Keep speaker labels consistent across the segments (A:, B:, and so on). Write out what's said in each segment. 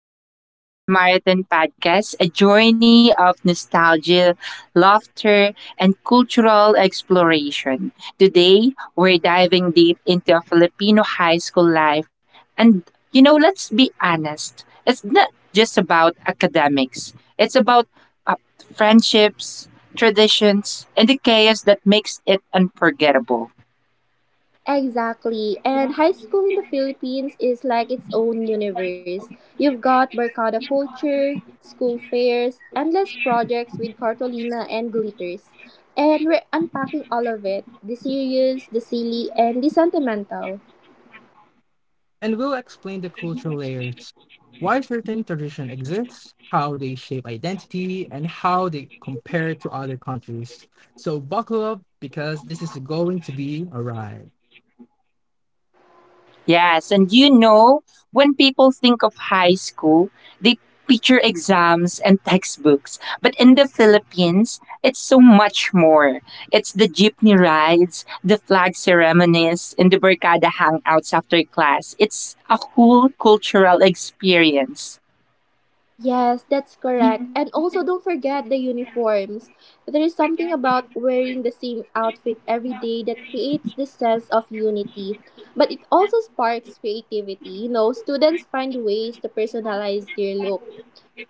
A: Everyone to this marathon podcast, a journey of nostalgia, laughter, and cultural exploration. Today, we're diving deep into a Filipino high school life. And, let's be honest, it's not just about academics, it's about uh, friendships, traditions, and the chaos that makes it unforgettable.
B: Exactly. And high school in the Philippines is like its own universe. You've got barkada culture, school fairs, endless projects with cartolina and glitters. And we're unpacking all of it the serious, the silly, and the sentimental.
C: And we'll explain the cultural layers, why certain traditions exist, how they shape identity, and how they compare to other countries. So buckle up because this is going to be a ride.
A: Yes, and when people think of high school, they picture exams and textbooks. But in the Philippines, it's so much more. It's the jeepney rides, the flag ceremonies, and the barkada hangouts after class. It's a whole cultural experience.
B: Yes, that's correct. And also, don't forget the uniforms. There is something about wearing the same outfit every day that creates this sense of unity. But it also sparks creativity. You know, students find ways to personalize their look,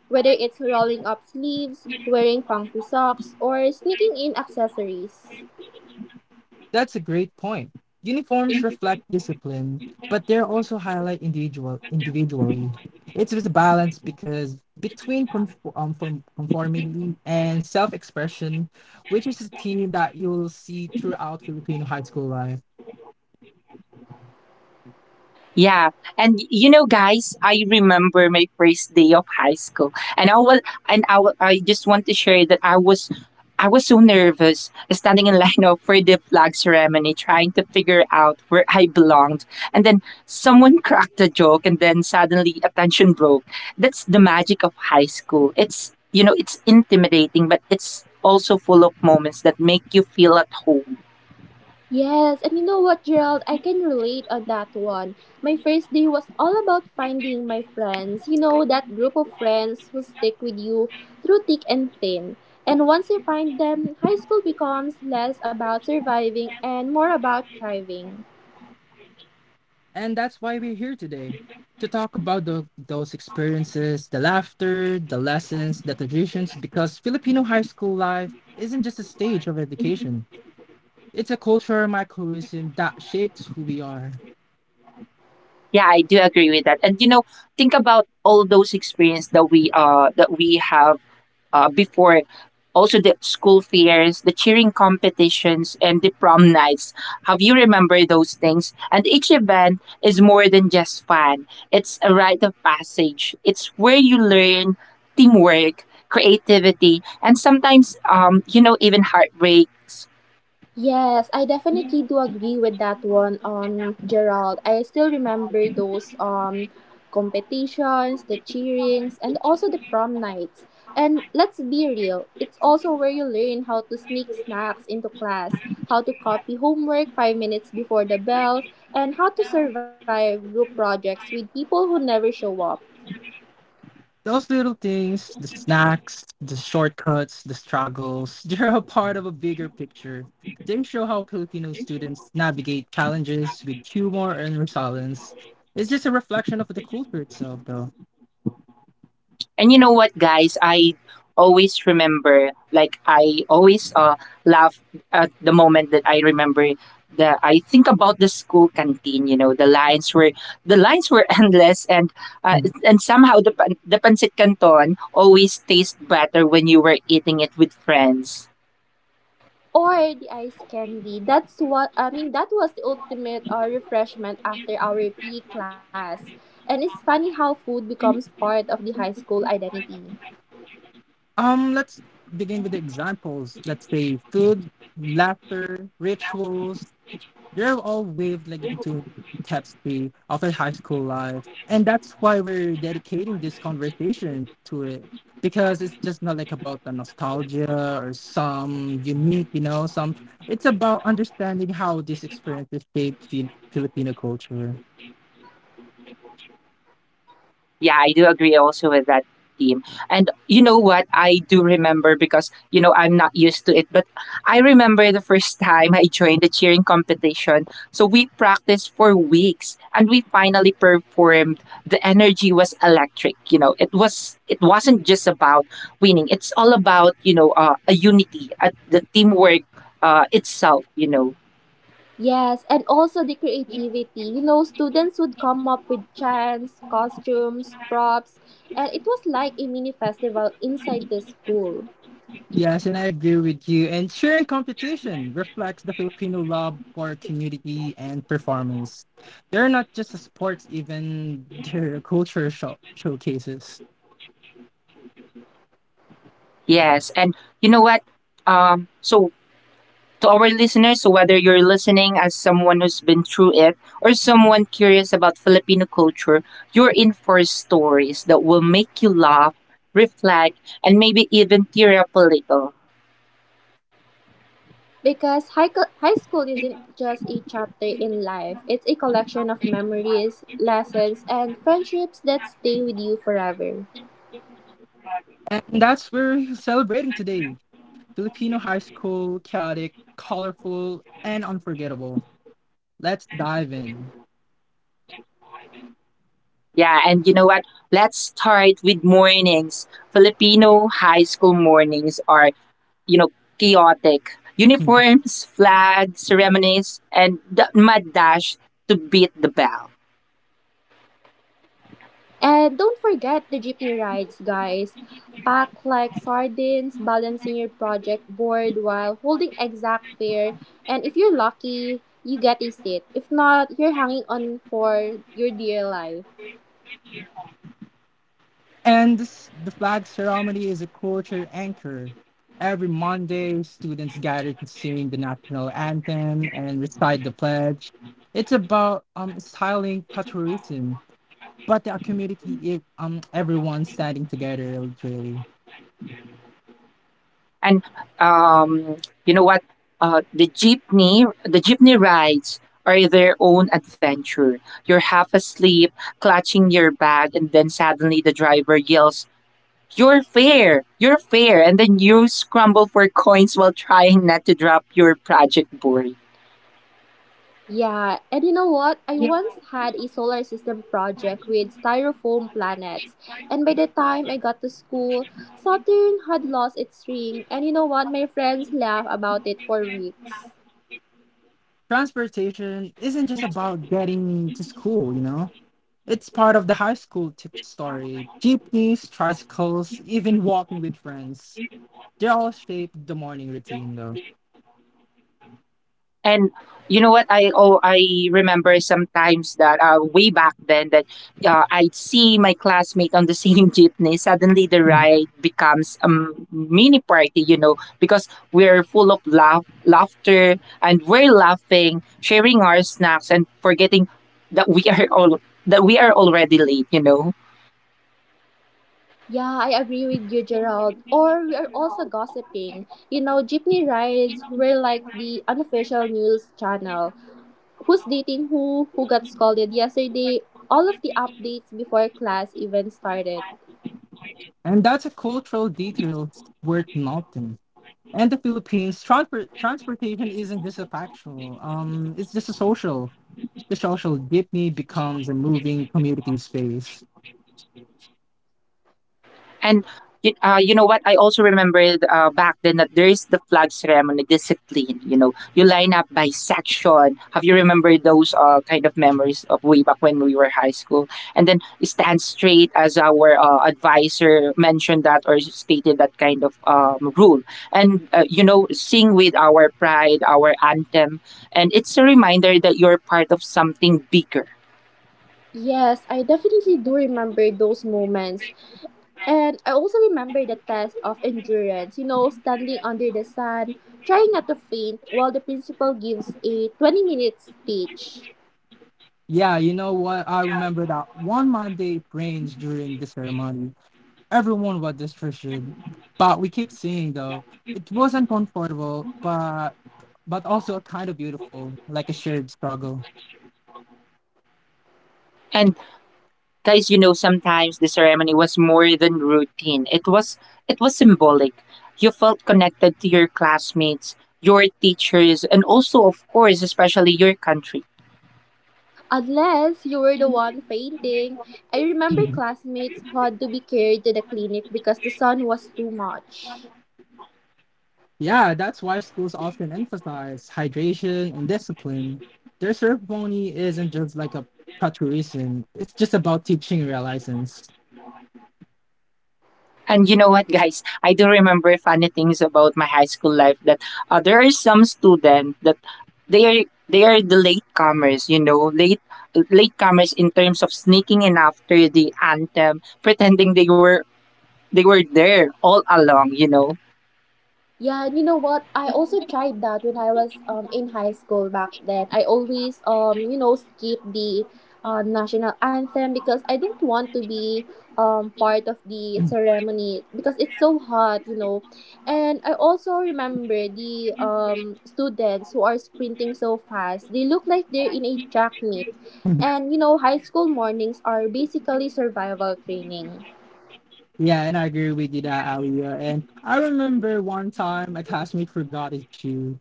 B: whether it's rolling up sleeves, wearing funky socks, or sneaking in accessories.
C: That's a great point. Uniforms reflect discipline, but they're also highlight individually. It's just a balance because between conformity and self-expression, which is a theme that you'll see throughout Filipino high school life.
A: Yeah. And guys, I remember my first day of high school and I was, and I, wa- I just want to share that I was so nervous standing in line up for the flag ceremony, trying to figure out where I belonged. And then someone cracked a joke and then suddenly attention broke. That's the magic of high school. It's, it's intimidating, but it's also full of moments that make you feel at home.
B: Yes, and you know what, Gerald? I can relate on that one. My first day was all about finding my friends. You know, that group of friends who stick with you through thick and thin. And once you find them, high school becomes less about surviving and more about thriving.
C: And that's why we're here today to talk about those experiences, the laughter, the lessons, the traditions, because Filipino high school life isn't just a stage of education, it's a cultural microcosm that shapes who we are.
A: Yeah, I do agree with that. And think about all those experience that we have before also the school fairs, the cheering competitions and the prom nights. Have you remember those things? And each event is more than just fun. It's a rite of passage. It's where you learn teamwork, creativity, and sometimes even heartbreak.
B: Yes, I definitely do agree with that one, Gerald. I still remember those competitions, the cheerings, and also the prom nights. And let's be real, it's also where you learn how to sneak snacks into class, how to copy homework 5 minutes before the bell, and how to survive group projects with people who never show up.
C: Those little things, the snacks, the shortcuts, the struggles, they're a part of a bigger picture. They show how Filipino students navigate challenges with humor and resilience. It's just a reflection of the culture itself, though.
A: And you know what, guys? I always remember, like, I always laugh at the moment that I remember the. I think about the school canteen. You know, the lines were endless, and somehow the pancit canton always tastes better when you were eating it with friends.
B: Or the ice candy. That's what I mean. That was the ultimate refreshment after our PE class. And it's funny how food becomes part of the high school identity.
C: Let's begin with the examples. Let's say food, laughter, rituals. They're all weaved like into tapestry of a high school life, and that's why we're dedicating this conversation to it because it's just not like about the nostalgia or some unique, you know, some. It's about understanding how these experiences shape Filipino culture.
A: Yeah, I do agree also with that, team. And you know what? I do remember because, I'm not used to it, but I remember the first time I joined the cheering competition. We practiced for weeks and we finally performed. The energy was electric, you know. It wasn't just about winning. It's all about, a unity, the teamwork itself, you know.
B: Yes, and also the creativity. You know, students would come up with chants, costumes, props, and it was like a mini festival inside the school.
C: Yes, and I agree with you. And cheering competition reflects the Filipino love for community and performance. They're not just a sports even they're showcases.
A: Yes. And you know what? So to our listeners. So, whether you're listening as someone who's been through it or someone curious about Filipino culture, you're in for stories that will make you laugh, reflect, and maybe even tear up a little.
B: Because high school isn't just a chapter in life, it's a collection of memories, lessons, and friendships that stay with you forever.
C: And that's where we're celebrating today. Filipino high school, chaotic, colorful, and unforgettable. Let's dive in.
A: Yeah, and you know what? Let's start with mornings. Filipino high school mornings are chaotic. Uniforms, flags, ceremonies, and the mad dash to beat the bell.
B: And don't forget the jeepney rides, guys. Pack like sardines, balancing your project board while holding exact fare. And if you're lucky, you get a seat. If not, you're hanging on for your dear life.
C: And this, the flag ceremony is a culture anchor. Every Monday, students gather to sing the national anthem and recite the pledge. It's about styling patriotism, but the community, if, everyone standing together, literally.
A: And um, you know what? The jeepney rides are their own adventure. You're half asleep, clutching your bag, and then suddenly the driver yells, "You're fair! You're fair!" And then you scramble for coins while trying not to drop your project board.
B: Yeah, and you know what? I once had a solar system project with styrofoam planets, and by the time I got to school, Saturn had lost its ring, and you know what? My friends laugh about it for weeks.
C: Transportation isn't just about getting to school, you know. It's part of the story. Jeepneys, tricycles, even walking with friends. They all shape the morning routine, though.
A: And you know what? I I remember sometimes that way back then that I'd see my classmate on the same jeepney. Suddenly the ride becomes a mini party, you know, because we're full of laughter, and we're laughing, sharing our snacks, and forgetting that we are all that we are already late, you know.
B: Yeah, I agree with you, Gerald. Or we are also gossiping. You know, jeepney rides were like the unofficial news channel. Who's dating who? Who got scolded yesterday? All of the updates before class even started.
C: And that's a cultural detail worth noting. And the Philippines, transportation isn't just a factual. It's just a social. The social jeepney becomes a moving community space.
A: And you know what? I also remembered back then that there is the flag ceremony discipline. You know, you line up by section. Have you remembered those kind of memories of way back when we were high school? And then stand straight, as our advisor mentioned that or stated that kind of rule. And you know, sing with our pride, our anthem, and it's a reminder that you're part of something bigger.
B: Yes, I definitely do remember those moments. And I also remember the test of endurance, you know, standing under the sun, trying not to faint while the principal gives a 20-minute speech.
C: Yeah, you know what? I remember that one Monday it rains during the ceremony. Everyone was distracted, but we kept seeing though. It was uncomfortable, but also kind of beautiful, like a shared struggle.
A: And guys, you know, sometimes the ceremony was more than routine. It was symbolic. You felt connected to your classmates, your teachers, and also of course, especially your country.
B: Unless you were the one fainting. I remember classmates who had to be carried to the clinic because the sun was too much.
C: Yeah, that's why schools often emphasize hydration and discipline. Their ceremony isn't just like a patrician, it's just about teaching reliance.
A: And you know what, guys? I do remember funny things about my high school life that there are some students that they are the latecomers, you know, latecomers in terms of sneaking in after the anthem, pretending they were there all along, you know.
B: Yeah, and you know what? I also tried that when I was in high school back then. I always you know skip the national anthem because I don't want to be part of the ceremony because it's so hot, you know. And I also remember the students who are sprinting so fast. They look like they're in a track meet. And you know, high school mornings are basically survival training.
C: Yeah, and I agree with you that, Alia. And I remember one time a classmate forgot his shoe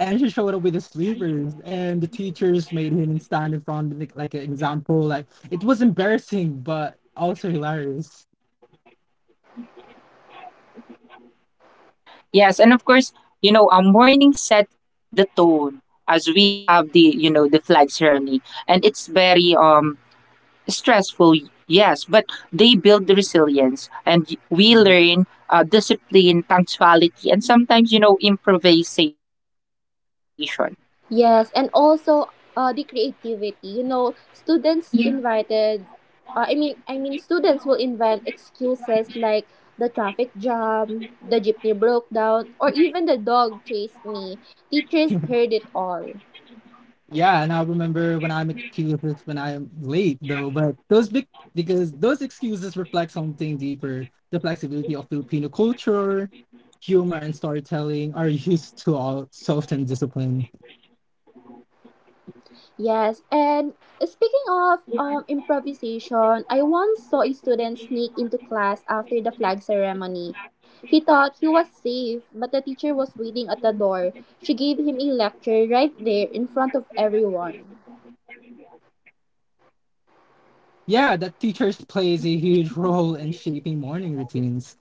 C: and she showed up with the sleepers, and the teachers made him stand in front of the, like an example. Like, it was embarrassing, but also hilarious.
A: Yes, and of course, a morning set the tone as we have the, you know, the flag ceremony. And it's very stressful, yes, but they build the resilience and we learn discipline, punctuality, and sometimes, you know, improvisation.
B: Yes, and also the creativity. You know, students invited. I mean, students will invent excuses like the traffic jam, the jeepney broke down, or even the dog chased me. Teachers heard it all.
C: Yeah, and I remember when I make excuses when I'm late though, but those big because those excuses reflect something deeper. The flexibility of Filipino culture, humor and storytelling are used to all soft and discipline.
B: Yes, and speaking of improvisation, I once saw a student sneak into class after the flag ceremony. He thought he was safe, but the teacher was waiting at the door. She gave him a lecture right there in front of everyone.
C: Yeah, that teachers plays a huge role in shaping morning routines.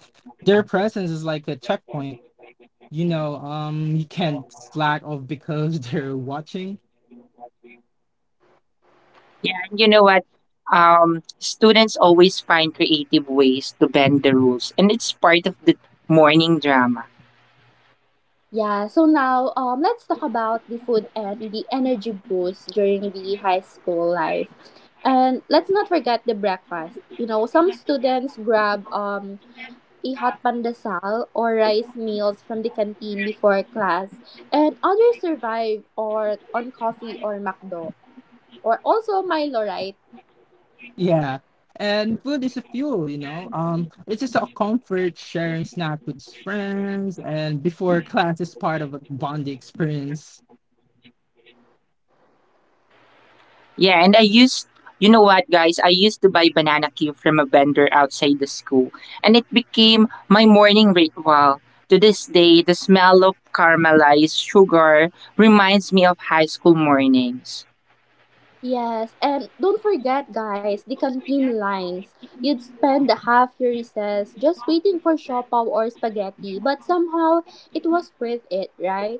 C: Their presence is like a checkpoint. You know, you can't slack off because they're watching.
A: Yeah, and you know what? Students always find creative ways to bend the rules, and it's part of the morning drama.
B: Yeah, so now let's talk about the food and the energy boost during the high school life. And let's not forget the breakfast. You know, some students grab a hot pandesal or rice meals from the canteen before class, and others survive or on coffee or McDo or also Milo, right?
C: Yeah. And food is a fuel, you know. It's just a comfort sharing snack with friends and before class is part of a bonding experience.
A: Yeah, and I used, you know what, guys? I used to buy banana cue from a vendor outside the school, and it became my morning ritual. To this day, the smell of caramelized sugar reminds me of high school mornings.
B: Yes, and don't forget, guys, the canteen lines. You'd spend the half your recess just waiting for siopaw or spaghetti, but somehow it was worth it, right?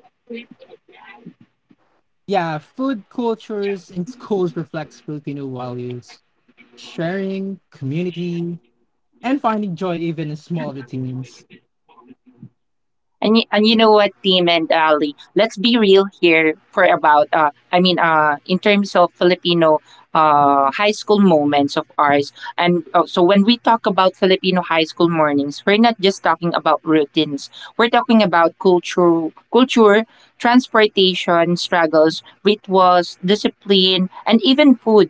C: Yeah, food cultures in schools reflects Filipino values, sharing, community, and finding joy even in small routines.
A: And you know what, Tim and Ali, let's be real here for about in terms of Filipino high school moments of ours. And so when we talk about Filipino high school mornings, we're not just talking about routines. We're talking about culture, transportation struggles, rituals, discipline, and even food.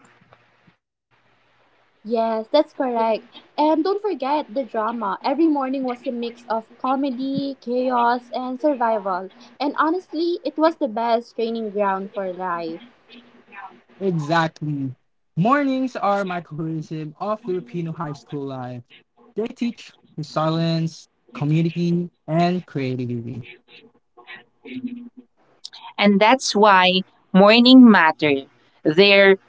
B: Yes, that's correct. And don't forget the drama. Every morning was a mix of comedy, chaos, and survival. And honestly, it was the best training ground for life.
C: Exactly. Mornings are microcosm of Filipino high school life. They teach resilience, community, and creativity.
A: And that's why morning matter. They're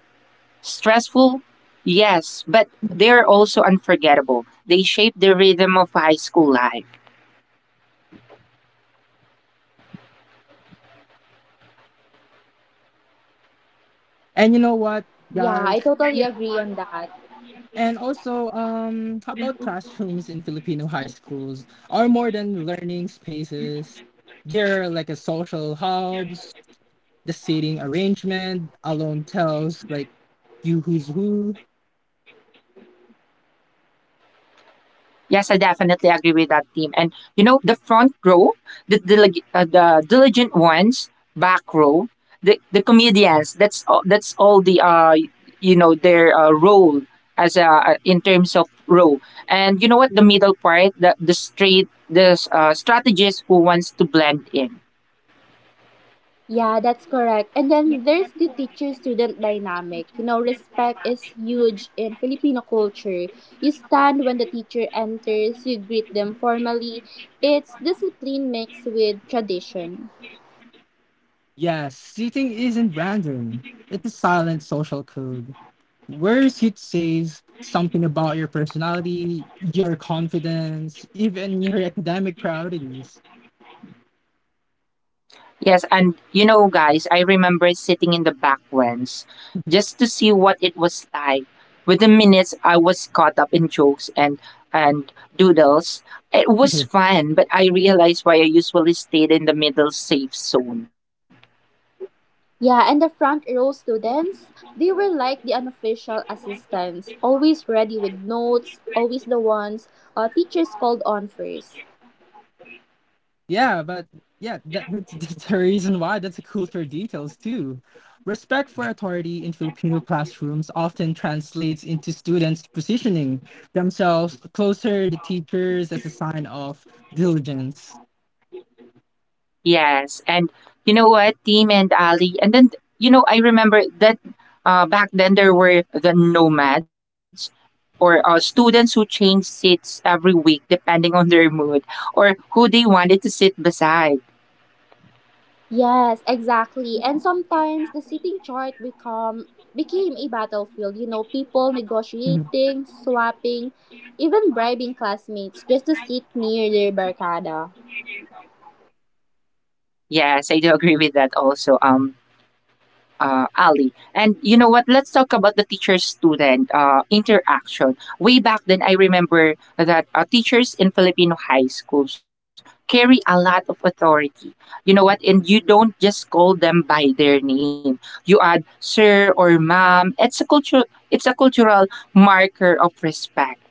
A: stressful? Yes, but they are also unforgettable. They shape the rhythm of high school life.
C: And you know what?
B: Yeah, I
C: Guys,
B: totally agree on that.
C: and also, how about classrooms in Filipino high schools are more than learning spaces? They're like a social hubs. The seating arrangement alone tells like you who's who.
A: Yes, I definitely agree with that, team. And you know, the front row, the diligent ones, back row, the comedians. That's all the you know, their role as in terms of row. And you know what? The middle part, the straight, the strategist who wants to blend in.
B: Yeah, that's correct. And then there's the teacher student dynamic. You know, respect is huge in Filipino culture. You stand when the teacher enters, you greet them formally. It's discipline mixed with tradition.
C: Yes, seating isn't random. It's a silent social code. Where seat says something about your personality, your confidence, even your academic priorities.
A: Yes, and you know, guys, I remember sitting in the back ones just to see what it was like. Within minutes, I was caught up in jokes and doodles. It was fun, but I realized why I usually stayed in the middle safe zone.
B: Yeah, and the front row students, they were like the unofficial assistants, always ready with notes, always the ones teachers called on first.
C: Yeah, but that's the reason why. That's a culture details too. Respect for authority in Filipino classrooms often translates into students positioning themselves closer to teachers as a sign of diligence.
A: Yes, and you know what, Team and Ali, and then you know, I remember that back then there were the nomads or students who changed seats every week depending on their mood or who they wanted to sit beside.
B: Yes, exactly. And sometimes the sitting chart become became a battlefield, you know, people
C: Mhm.
B: negotiating, swapping, even bribing classmates just to sit near their barcada.
A: Yes, I do agree with that also, Ali. And you know what? Let's talk about the teacher-student interaction. Way back then, I remember that teachers in Filipino high schools carry a lot of authority. You know what? And you don't just call them by their name. You add sir or ma'am. It's a culture. It's a cultural marker of respect.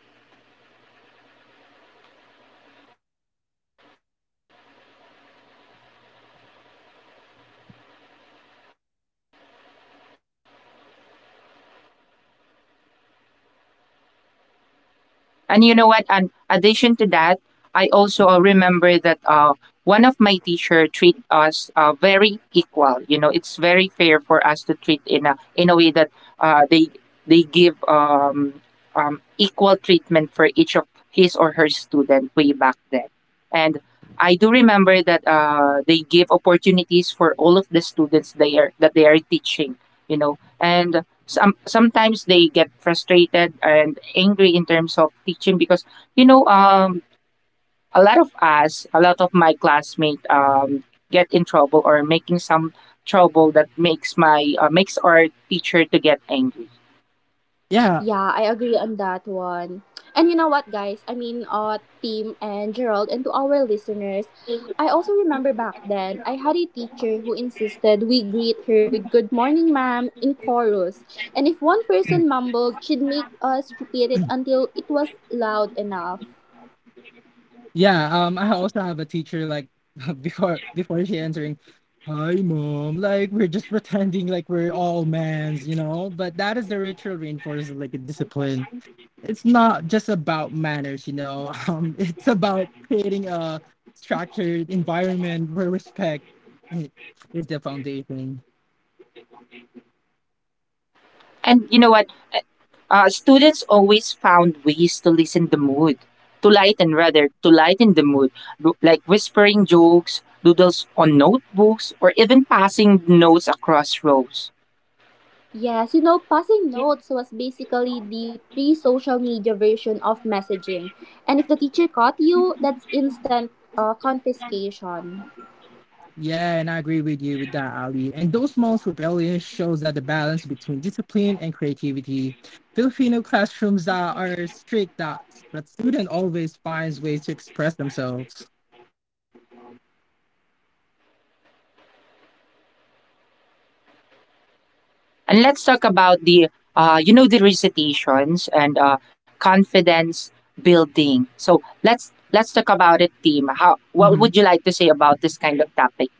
B: Yeah, I remember. You don't just call them by their name. I think you should also in some school they you should add the sir or ma'am. Like it's a cultural marker of respect. And you
A: And
B: know
A: you know
B: what,
A: what? And
B: guys? I had a
A: addition to
B: teacher
A: that,
B: who
A: I
B: insisted.
A: also remember that
B: Yes.
A: one of my teacher treat us very equal. You know, it's very fair for us to treat in a way that uh, they they give equal treatment for each of his or her student way back then. And I do remember that they give opportunities for all of the students they are that they are teaching. You know, and sometimes they get frustrated and angry in terms of teaching because you know um a lot of my classmates get in trouble or making some trouble that makes my makes our teacher to get angry.
C: Yeah,
B: Yeah, I agree on that one. And you know what, guys? Team and Gerald, and to our listeners, I also remember back then I had a teacher who insisted we greet her with "Good morning, ma'am" in chorus, and if one person mumbled, she'd make us repeat it until it was loud enough.
C: yeah. I also have a teacher like before she answering, "Hi, mom." Like we're just pretending like we're all mans, you know. But that is a ritual reinforces like a discipline, it's not just about manners, you know. It's about creating a structured environment where respect i- is the foundation.
A: And you know what, students always found ways to lighten rather to lighten the mood, like whispering jokes, doodles on notebooks, or even passing notes across rows.
B: Yes, you know, passing notes was basically the pre-social media version of messaging, and if the teacher caught you, that's instant confiscation.
C: Yeah, and I agree with you with that, Ali. And those small rebellions shows that the balance between discipline and creativity. Filipino classrooms that are strict that student always finds ways to express themselves.
A: And let's talk about the, you know, the recitations and confidence building. So let's talk about it, team. How what
C: Mm-hmm.
A: would you like to say about this kind of topic?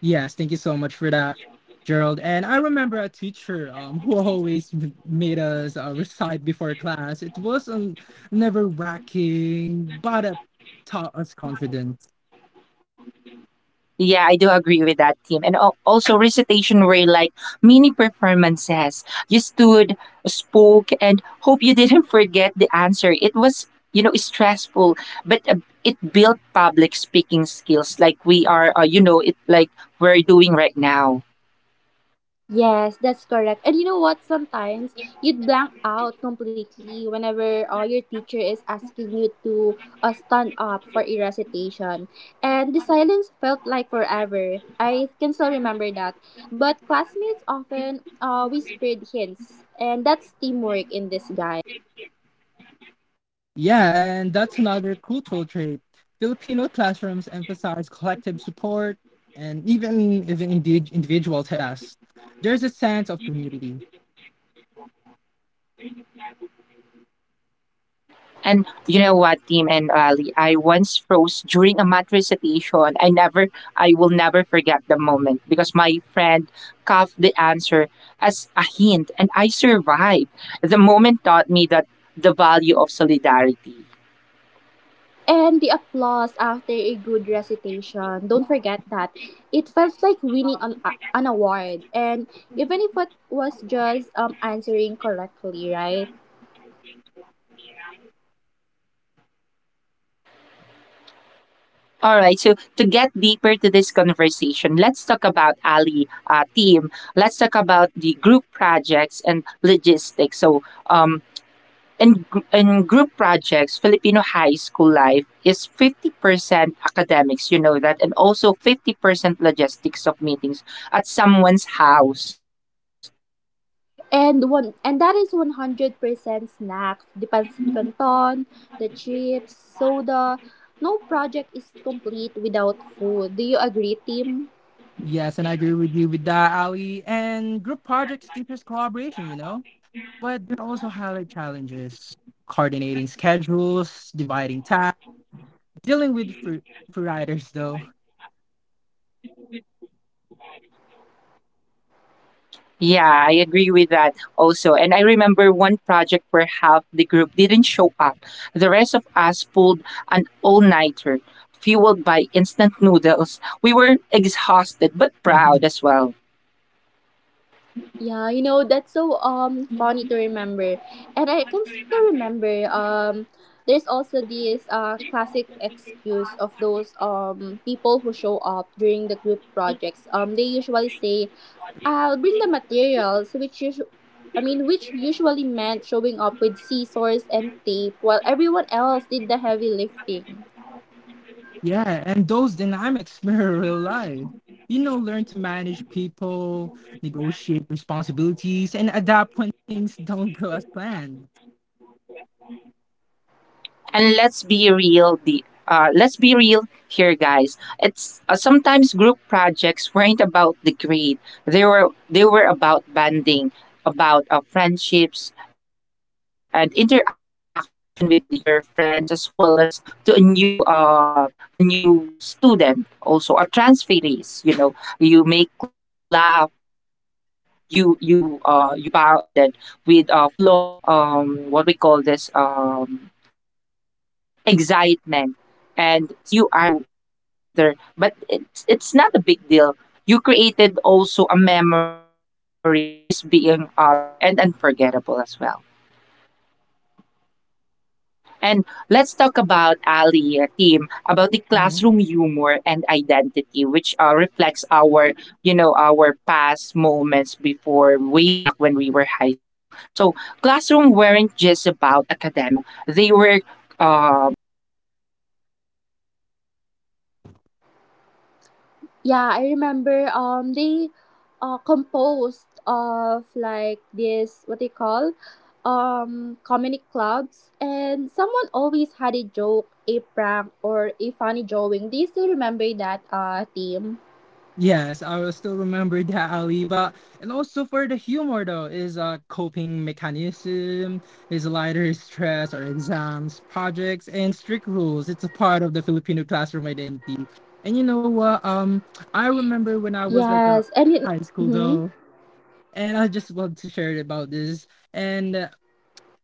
C: Yes, thank you so much for that, Gerald. And I remember a teacher who always made us recite before class. It was never wracking, but it taught us confidence.
A: Yeah, I do agree with that, team. And al- also recitation were like mini performances. You stood, spoke, and hope you didn't forget the answer. It was you know stressful, but it built public speaking skills like we are. You know, it like we're doing right now.
B: Yes, that's correct. And you know what? Sometimes you'd blank out completely whenever your teacher is asking you to stand up for a recitation. And the silence felt like forever. I can still remember that. But classmates often whispered hints, and that's teamwork in disguise.
C: Yeah, and that's another cultural trait. Filipino classrooms emphasize collective support and even indeed individual tasks. There's a sense of community.
A: And you know what, team and Ali, I once froze during a math recitation. I will never forget the moment because my friend coughed the answer as a hint and I survived. The moment taught me that the value of solidarity.
B: And the applause after a good recitation, don't forget that. It felt like winning an award. And even if it was just answering correctly, right?
A: All right, so to get deeper to this conversation, let's talk about Ali team. Let's talk about the group projects and logistics. So, um, in in group projects, Filipino high school life is 50% academics, you know that, and also 50% logistics of meetings at someone's house.
B: And one and that is 100% snacks, the pancit canton, the chips, soda. No project is complete without food. Do you agree, team?
C: Yes, and I agree with you with that, Ali. And group projects teaches collaboration, you know. But there are also highlight challenges, coordinating schedules, dividing tasks, dealing with freeriders though.
A: Yeah, I agree with that also. And I remember one project where half the group didn't show up. The rest of us pulled an all nighter, fueled by instant noodles. We were exhausted but proud as well.
B: Yeah, you know, that's so funny to remember. And I can still remember there's also this classic excuse of those people who show up during the group projects. They usually say, "I'll bring the materials," which which usually meant showing up with scissors and tape while everyone else did the heavy lifting.
C: Yeah, and those dynamics mirror real life. You know, learn to manage people, negotiate responsibilities, and adapt when things don't go as planned.
A: And let's be real here, guys. It's sometimes group projects weren't about the grade. They were about bonding, about friendships and interaction with your friends, as well as to a new student also a transferees, you know, you make laugh. You are bonded with full of what we call this excitement. And sometimes you argue to each other, but it's not a big deal. You created also a memories that is being together and unforgettable as well. And let's talk about, Ali, team, about the
C: Mm-hmm.
A: classroom humor and identity, which reflects our past moments before, way back when we were high school. So classroom weren't just about academics, they were composed of comedy clubs. Someone always had a joke and
B: Yeah, I
A: a prank
B: remember
A: or a funny
B: they
A: drawing.
B: composed of like this what they call comedy clubs and someone always had a
A: And
B: joke,
A: addition for
B: a
A: that,
B: prank
A: you know,
B: or a
A: um,
B: funny
A: there are
B: drawing. Do you
A: times
B: still
A: that
B: remember that
A: um,
B: theme?
A: there are times
C: Yes,
A: that
C: I will still
A: our
C: remember that
A: classmate
C: Aliba.
A: being
C: And also
A: intimidated
C: for the
A: to
C: humor
A: uh, to
C: though,
A: each
C: is a
A: to, to each
C: coping
A: other, because
C: mechanism,
A: we,
C: is
A: at the
C: lighter
A: first day of
C: stress or
A: school,
C: exams,
A: uh,
C: projects,
A: we
C: and
A: don't
C: strict
A: know
C: rules.
A: each
C: It's a
A: other
C: part
A: yet,
C: of the
A: but
C: Filipino classroom
A: also the
C: identity.
A: the
C: And you know
A: interaction, as
C: what?
A: the time goes
C: I
A: by,
C: remember when I was
A: um,
C: like a
B: Yes.
A: there
B: And
A: are
B: it,
C: high
A: friendship
C: school
A: to
B: mhm.
C: though,
A: make. You know,
C: and I just want
A: do
C: to
A: you
C: share
A: agree with
C: about
A: that,
C: this.
A: Ali?
C: And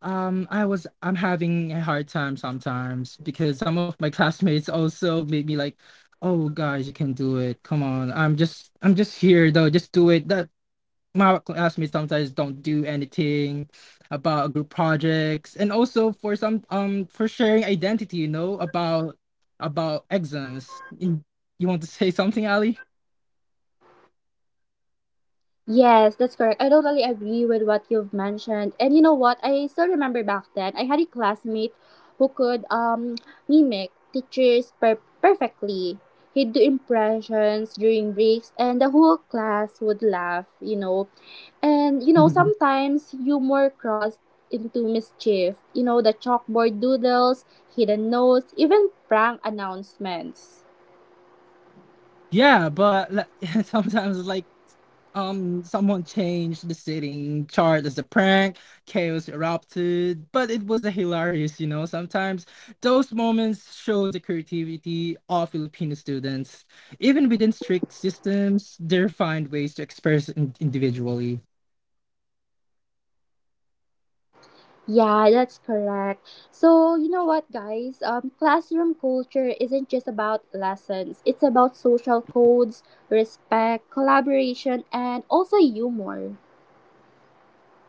C: I'm having a hard time sometimes because some of my classmates also made me like, "Oh,
A: Well, I
C: guys, you
A: think,
C: can do it. Come
A: Ali,
C: on. I'm just here though. Just
A: silence
C: do it."
A: means
C: That
A: yes for
C: my
A: me, and al-
C: classmates
A: also
C: sometimes
A: to
C: don't do
A: to team. Do you agree
C: anything
A: with that, team?
C: about group projects and also for some for sharing identity, you know, about exams. You want to say something, Ali?
B: Yes, that's correct. I totally agree with what you've mentioned. And you know what? I still remember back then, I had a classmate who could perfectly. He'd do impressions during breaks and the whole class would laugh, you know. And you know, sometimes humor crossed into mischief. You know, the chalkboard doodles, hidden notes, even prank announcements.
C: yeah, but like, sometimes it's like, someone changed the setting chart as a prank. Chaos erupted, but it was a hilarious. You know, sometimes those moments show the creativity of Filipino students. Even within strict systems, they find ways to express individually.
B: Yeah, that's correct. So, you know what, guys? Classroom culture isn't just about lessons, it's about social codes, respect, collaboration, and also humor.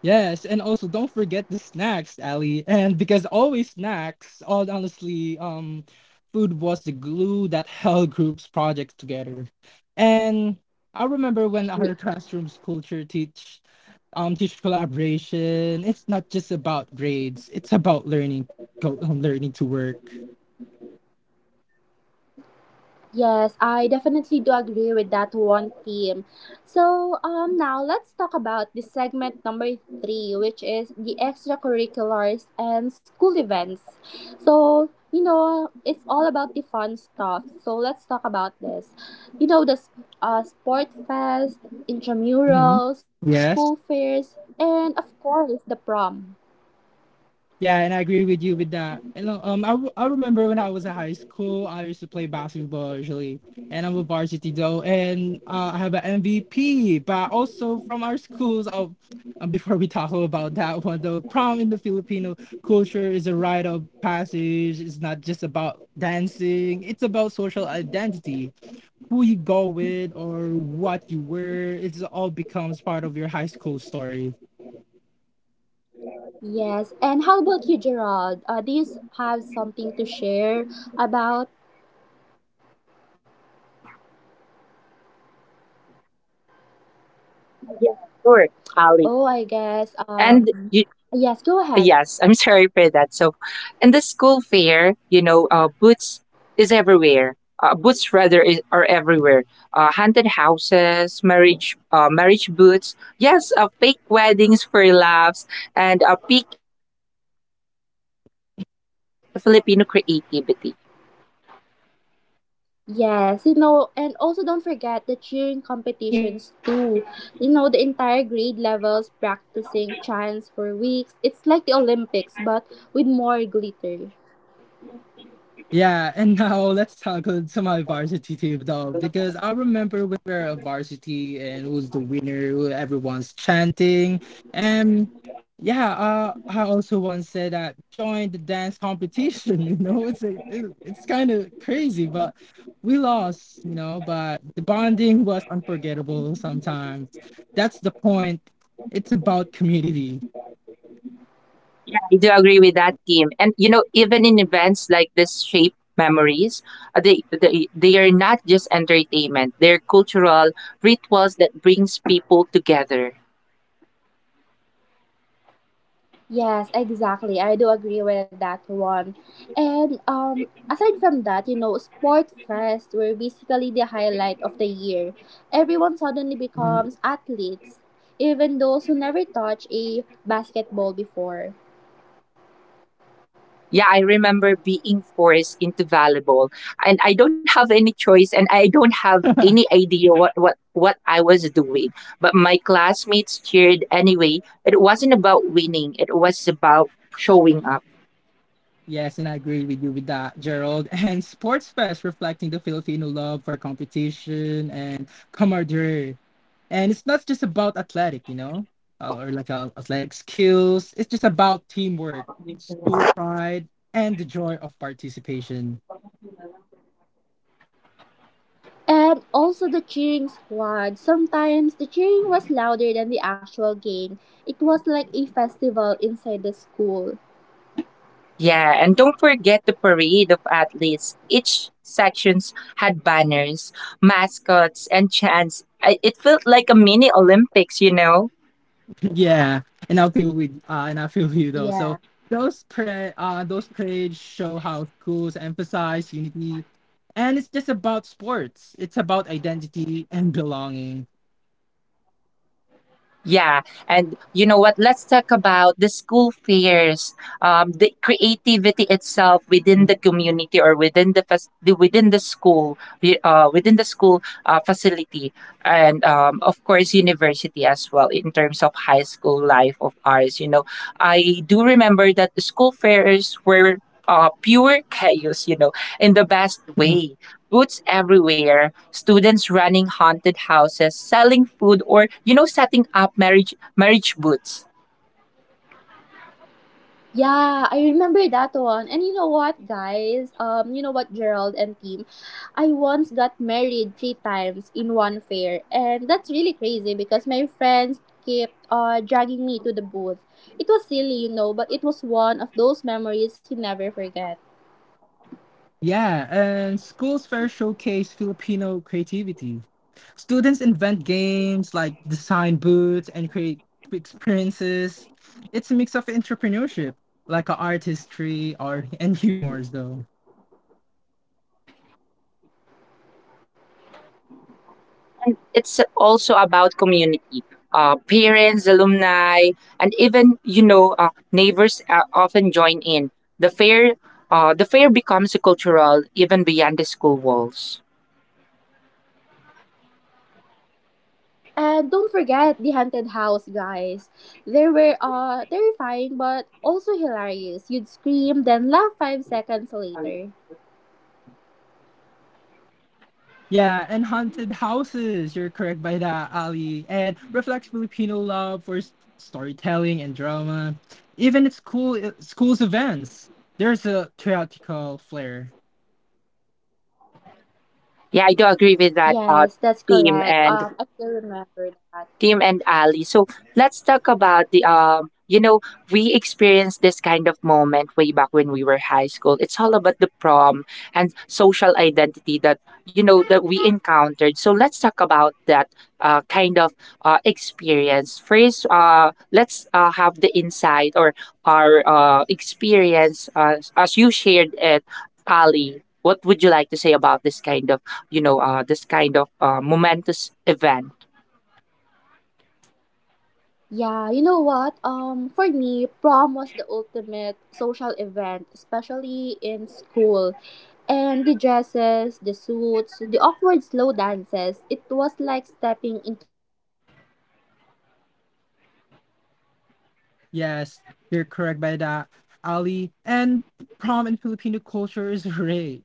C: Yes, and also don't forget the snacks, Ali. And because always snacks, all honestly, food was the glue that held groups projects together. And I remember when our classrooms culture teach, teach collaboration. It's not just about grades; it's about learning, learning to work.
B: Yes, I definitely do agree with that one team. So, now let's talk about the segment number three, which is the extracurriculars and school events. So, you know, it's all about the fun stuff. So, let's talk about this. You know, the sport fest,
C: Mhm.
B: intramurals, school
C: Yes.
B: fairs, and of course, the prom.
C: Yeah, and I agree with you with that. And I remember when I was in high school, I used to play basketball usually, and I'm a varsity though, and I have an MVP. But also from our schools, oh, before we talk about that one though, prom in the Filipino culture is a rite of passage. It's not just about dancing; it's about social identity, who you go with, or what you wear. It all becomes part of your high school story.
B: Yes, and how about you, Gerald? Do you have something to share about
A: Yeah, sure, Ali.
B: Oh, I guess.
A: And you,
B: Yes, go ahead.
A: yes, I'm sorry for that. So, in the school fair, you know, boots is everywhere. Boots, rather, is, are everywhere. Haunted houses, marriage boots. Yes, fake weddings for laughs, and peak Filipino creativity.
B: Yes, you know, and also don't forget the cheering competitions too. You know, the entire grade levels practicing chants for weeks. It's like the Olympics, but with more glitter.
C: Yeah, and now let's tackle to my varsity team though, because I remember when we were a varsity and who's the winner, who everyone's chanting. And yeah, I also once said that join the dance competition, you know, it's kind of crazy, but we lost, you know, but the bonding was unforgettable sometimes. That's the point. It's about community.
A: I do agree with that, Kim? And even in events like this shape memories, they are not just entertainment. They're cultural rituals that brings people together.
B: Yes, exactly. I do agree with that one. And aside from that, you know, sport fest were basically the highlight of the year. Everyone suddenly becomes athletes, even those who never touched a basketball before.
A: Yeah, I remember being forced into volleyball, and I don't have any choice, and I don't have any idea what I was doing. But my classmates cheered anyway. It wasn't about winning. It was about showing up.
C: Yes, and I agree with you with that, Gerald. And Sports Fest reflecting the Filipino love for competition and camaraderie. And it's not just about athletic, you know, or like athletic skills. It's just about teamwork, school pride, and the joy of participation.
B: And also the cheering squad. Sometimes the cheering was louder than the actual game. It was like a festival inside the school.
A: Yeah, and don't forget the parade of athletes. Each sections had banners, mascots, and chants. It felt like a mini Olympics, you know?
C: yeah, and I feel you though.
B: Yeah.
C: So those parades show how schools emphasize unity, and it's just about sports. It's about identity and belonging.
A: Yeah, and you know what? Let's talk about the school fairs. The creativity itself within the community, or within within the school facility, and of course university as well, in terms of high school life of ours. I do remember that the school fairs were pure chaos. In the best way, boots everywhere, students running haunted houses, selling food, or setting up marriage booths.
B: Yeah, I remember that one. And you know what, guys? You know what, Gerald and team? I once got married 3 times in one fair. And that's really crazy because my friends kept dragging me to the booth. It was silly, you know, but it was one of those memories you never forget.
C: Yeah, and schools fair showcase Filipino creativity. Students invent games like design booths and create experiences. It's a mix of entrepreneurship, like a art history or and humors though.
A: And it's also about community. Parents, alumni, and even, neighbors often join in. The fair, the fair becomes cultural even beyond the school walls.
B: And don't forget the haunted house, guys. They were terrifying but also hilarious. You'd scream, then laugh 5 seconds later.
C: Yeah, and haunted houses. You're correct by that, Ali. And reflects Filipino love for storytelling and drama. Even at schools events, there's a theatrical flair.
A: Yeah, I do agree with that,
B: Yes, that's
A: theme,
B: correct.
A: and
B: I still remember that.
A: Tim and Ali. So let's talk about the. We experienced this kind of moment way back when we were high school. It's all about the prom and social identity that, you know, that we encountered. So let's talk about that, kind of experience. First, let's have the insight, or our experience, as you shared it, Ali. What would you like to say about this kind of you know this kind of momentous event?
B: Yeah, you know what? For me, prom was the ultimate social event, especially in school. And the dresses, the
C: Yes, you're correct by that, Ali. And prom in Filipino culture is rite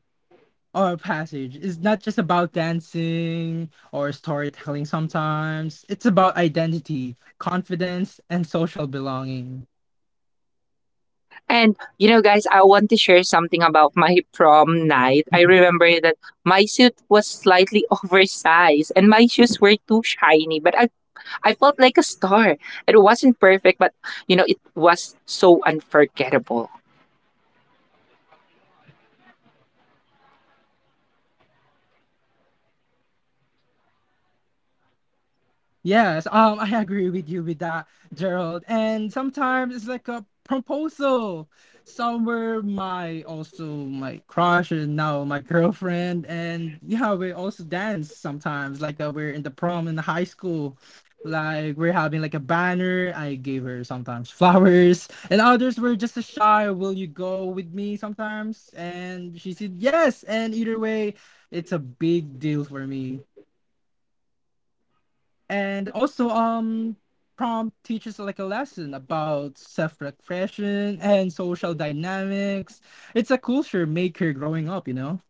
C: or passage. It's not just about dancing or storytelling sometimes. It's about identity, confidence, and social belonging.
A: And guys, I want to share something about my prom night. I remember that my suit was slightly oversized, and my shoes were too shiny, but I felt like a star. It wasn't perfect, but it was so unforgettable.
C: Yes, I agree with you with that, Gerald. And sometimes it's like a proposal. Somewhere my also my crush and now my girlfriend and yeah, we also dance sometimes. Like we're in the prom in the high school. Like we're having like a banner. I gave her sometimes flowers, and others were just a shy. Will you go with me sometimes? And she said yes. And either way, it's a big deal for me and also prompt teaches like a lesson about self-reflection and social dynamics, it's a culture maker growing up, you know.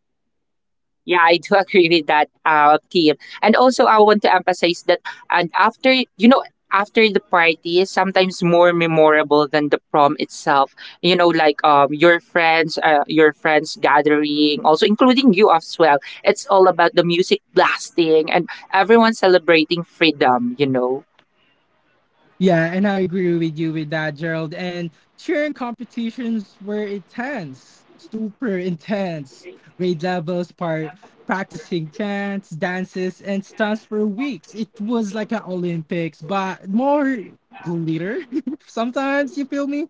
A: Yeah, I do agree with that, team. And also, I want to emphasize that, and after the party is sometimes more memorable than the prom itself. Like, your friends gathering, also including you as well. It's all about the music blasting and everyone celebrating freedom.
C: Yeah, and I agree with you with that, Gerald. And cheering competitions were intense, super intense, grade levels part practicing chants, dances and stunts for weeks. It was like an olympics but more glitter, sometimes you feel me.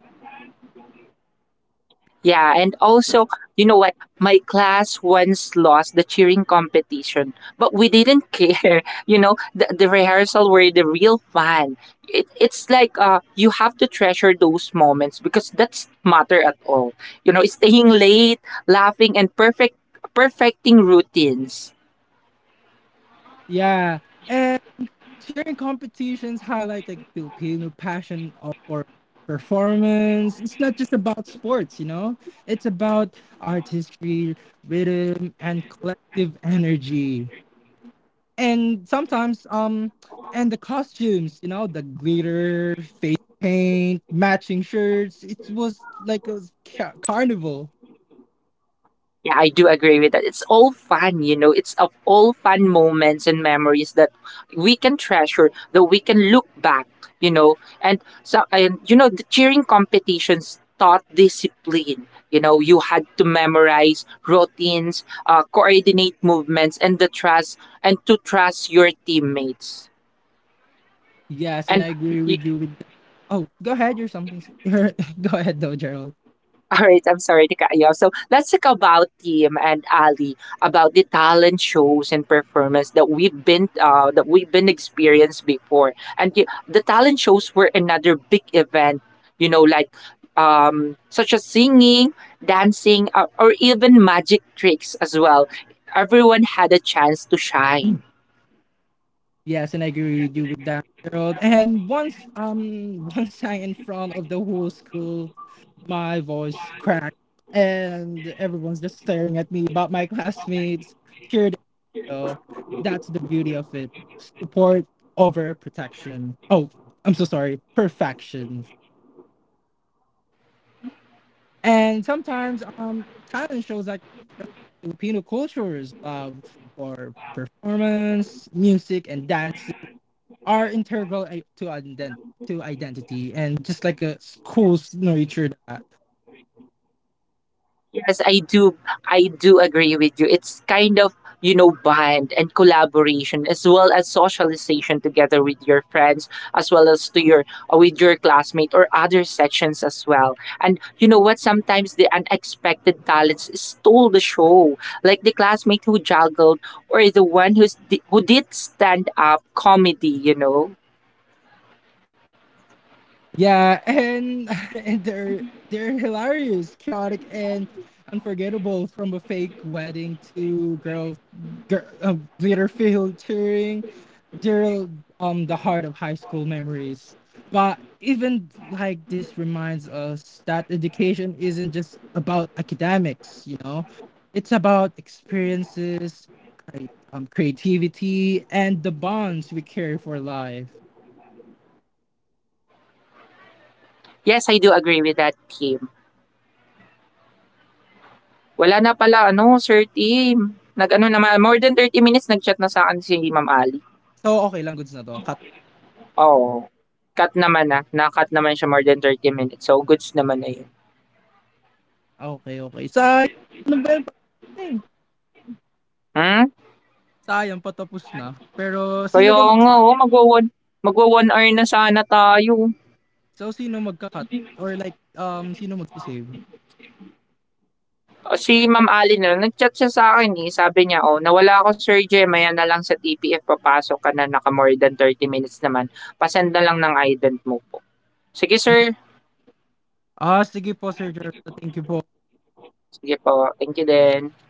A: Yeah, and also, you know what? My class once lost the cheering competition, but we didn't care. The rehearsal were the real fun. It's like, you have to treasure those moments, because that's matter at all. Staying late, laughing, and perfecting routines.
C: Yeah. Sharing competitions highlight like Filipino passion for performance. It's not just about sports, you know. It's about artistry, rhythm, and collective energy. And sometimes, and the costumes, you know, the glitter, face paint, matching shirts. It was like a carnival.
A: Yeah, I do agree with that. It's all fun. It's of all fun moments and memories that we can treasure, that we can look back, you know. And so, the cheering competitions taught discipline. You had to memorize routines, coordinate movements, and the trust, and to trust your teammates.
C: Yes, and
A: And
C: I agree with you with that. Oh, go ahead. You're something. You're, go ahead though, Gerald.
A: all right, I'm sorry to cut you off. So let's talk about, Tim and Ali, about the talent shows and performance that we've been experienced before. And the talent shows were another big event, like, such as singing, dancing, or even magic tricks as well. Everyone had a chance to shine.
C: Yes, and I agree with you with that, Gerald. And once once I in front of the whole school, my voice cracked and everyone's just staring at me, but my classmates cheered. So that's the beauty of it. Support over protection. Oh, I'm so sorry. Perfection. And sometimes talent shows like Filipino cultures love for performance, music, and dancing are to identity and just like a school's nurture that.
A: Yes, I do. I do agree with you. It's kind of, bond and collaboration, as well as socialization together with your friends, as well as to your with your classmate or other sections as well. And you know what, sometimes the unexpected talents stole the show, like the classmate who juggled, or the one who did stand up comedy.
C: Yeah, and and they're hilarious chaotic and unforgettable from a fake wedding to girl glitter field cheering Gerald, the heart of high school memories. But even like this reminds us that education isn't just about academics, you know, it's about experiences, creativity, and the bonds we carry for life.
A: Yes, I do agree with that, Kim. Wala na pala, ano, Sir Tim. Nag-ano naman, more than 30 minutes nag-chat na sa akin si Ma'am Ali.
C: So, okay lang, goods na to. Cut.
A: Oo. Cut naman na. Na-cut naman siya more than 30 minutes. So, goods naman na yun.
C: Ah, Okay, okay. Sayang, ano ba yung patapos na eh?
A: Hmm?
C: Sayang, patapos na. Pero, sino
A: Kaya
C: ba mag-
A: nga, oh, magwa-one hour na sana tayo.
C: So, sino magkakat? Or like, sino magsisave?
A: O, Si Ma'am Ali na, nag-chat siya sa akin eh. Sabi niya, oh, nawala ako Sir Jem, maya na lang sa TPF, papasok ka na, naka more than 30 minutes naman. Pasend na lang ng ident mo po. Sige sir.
C: Ah, sige po, Sir Gerald. Thank you po.
A: Sige po. Thank you din.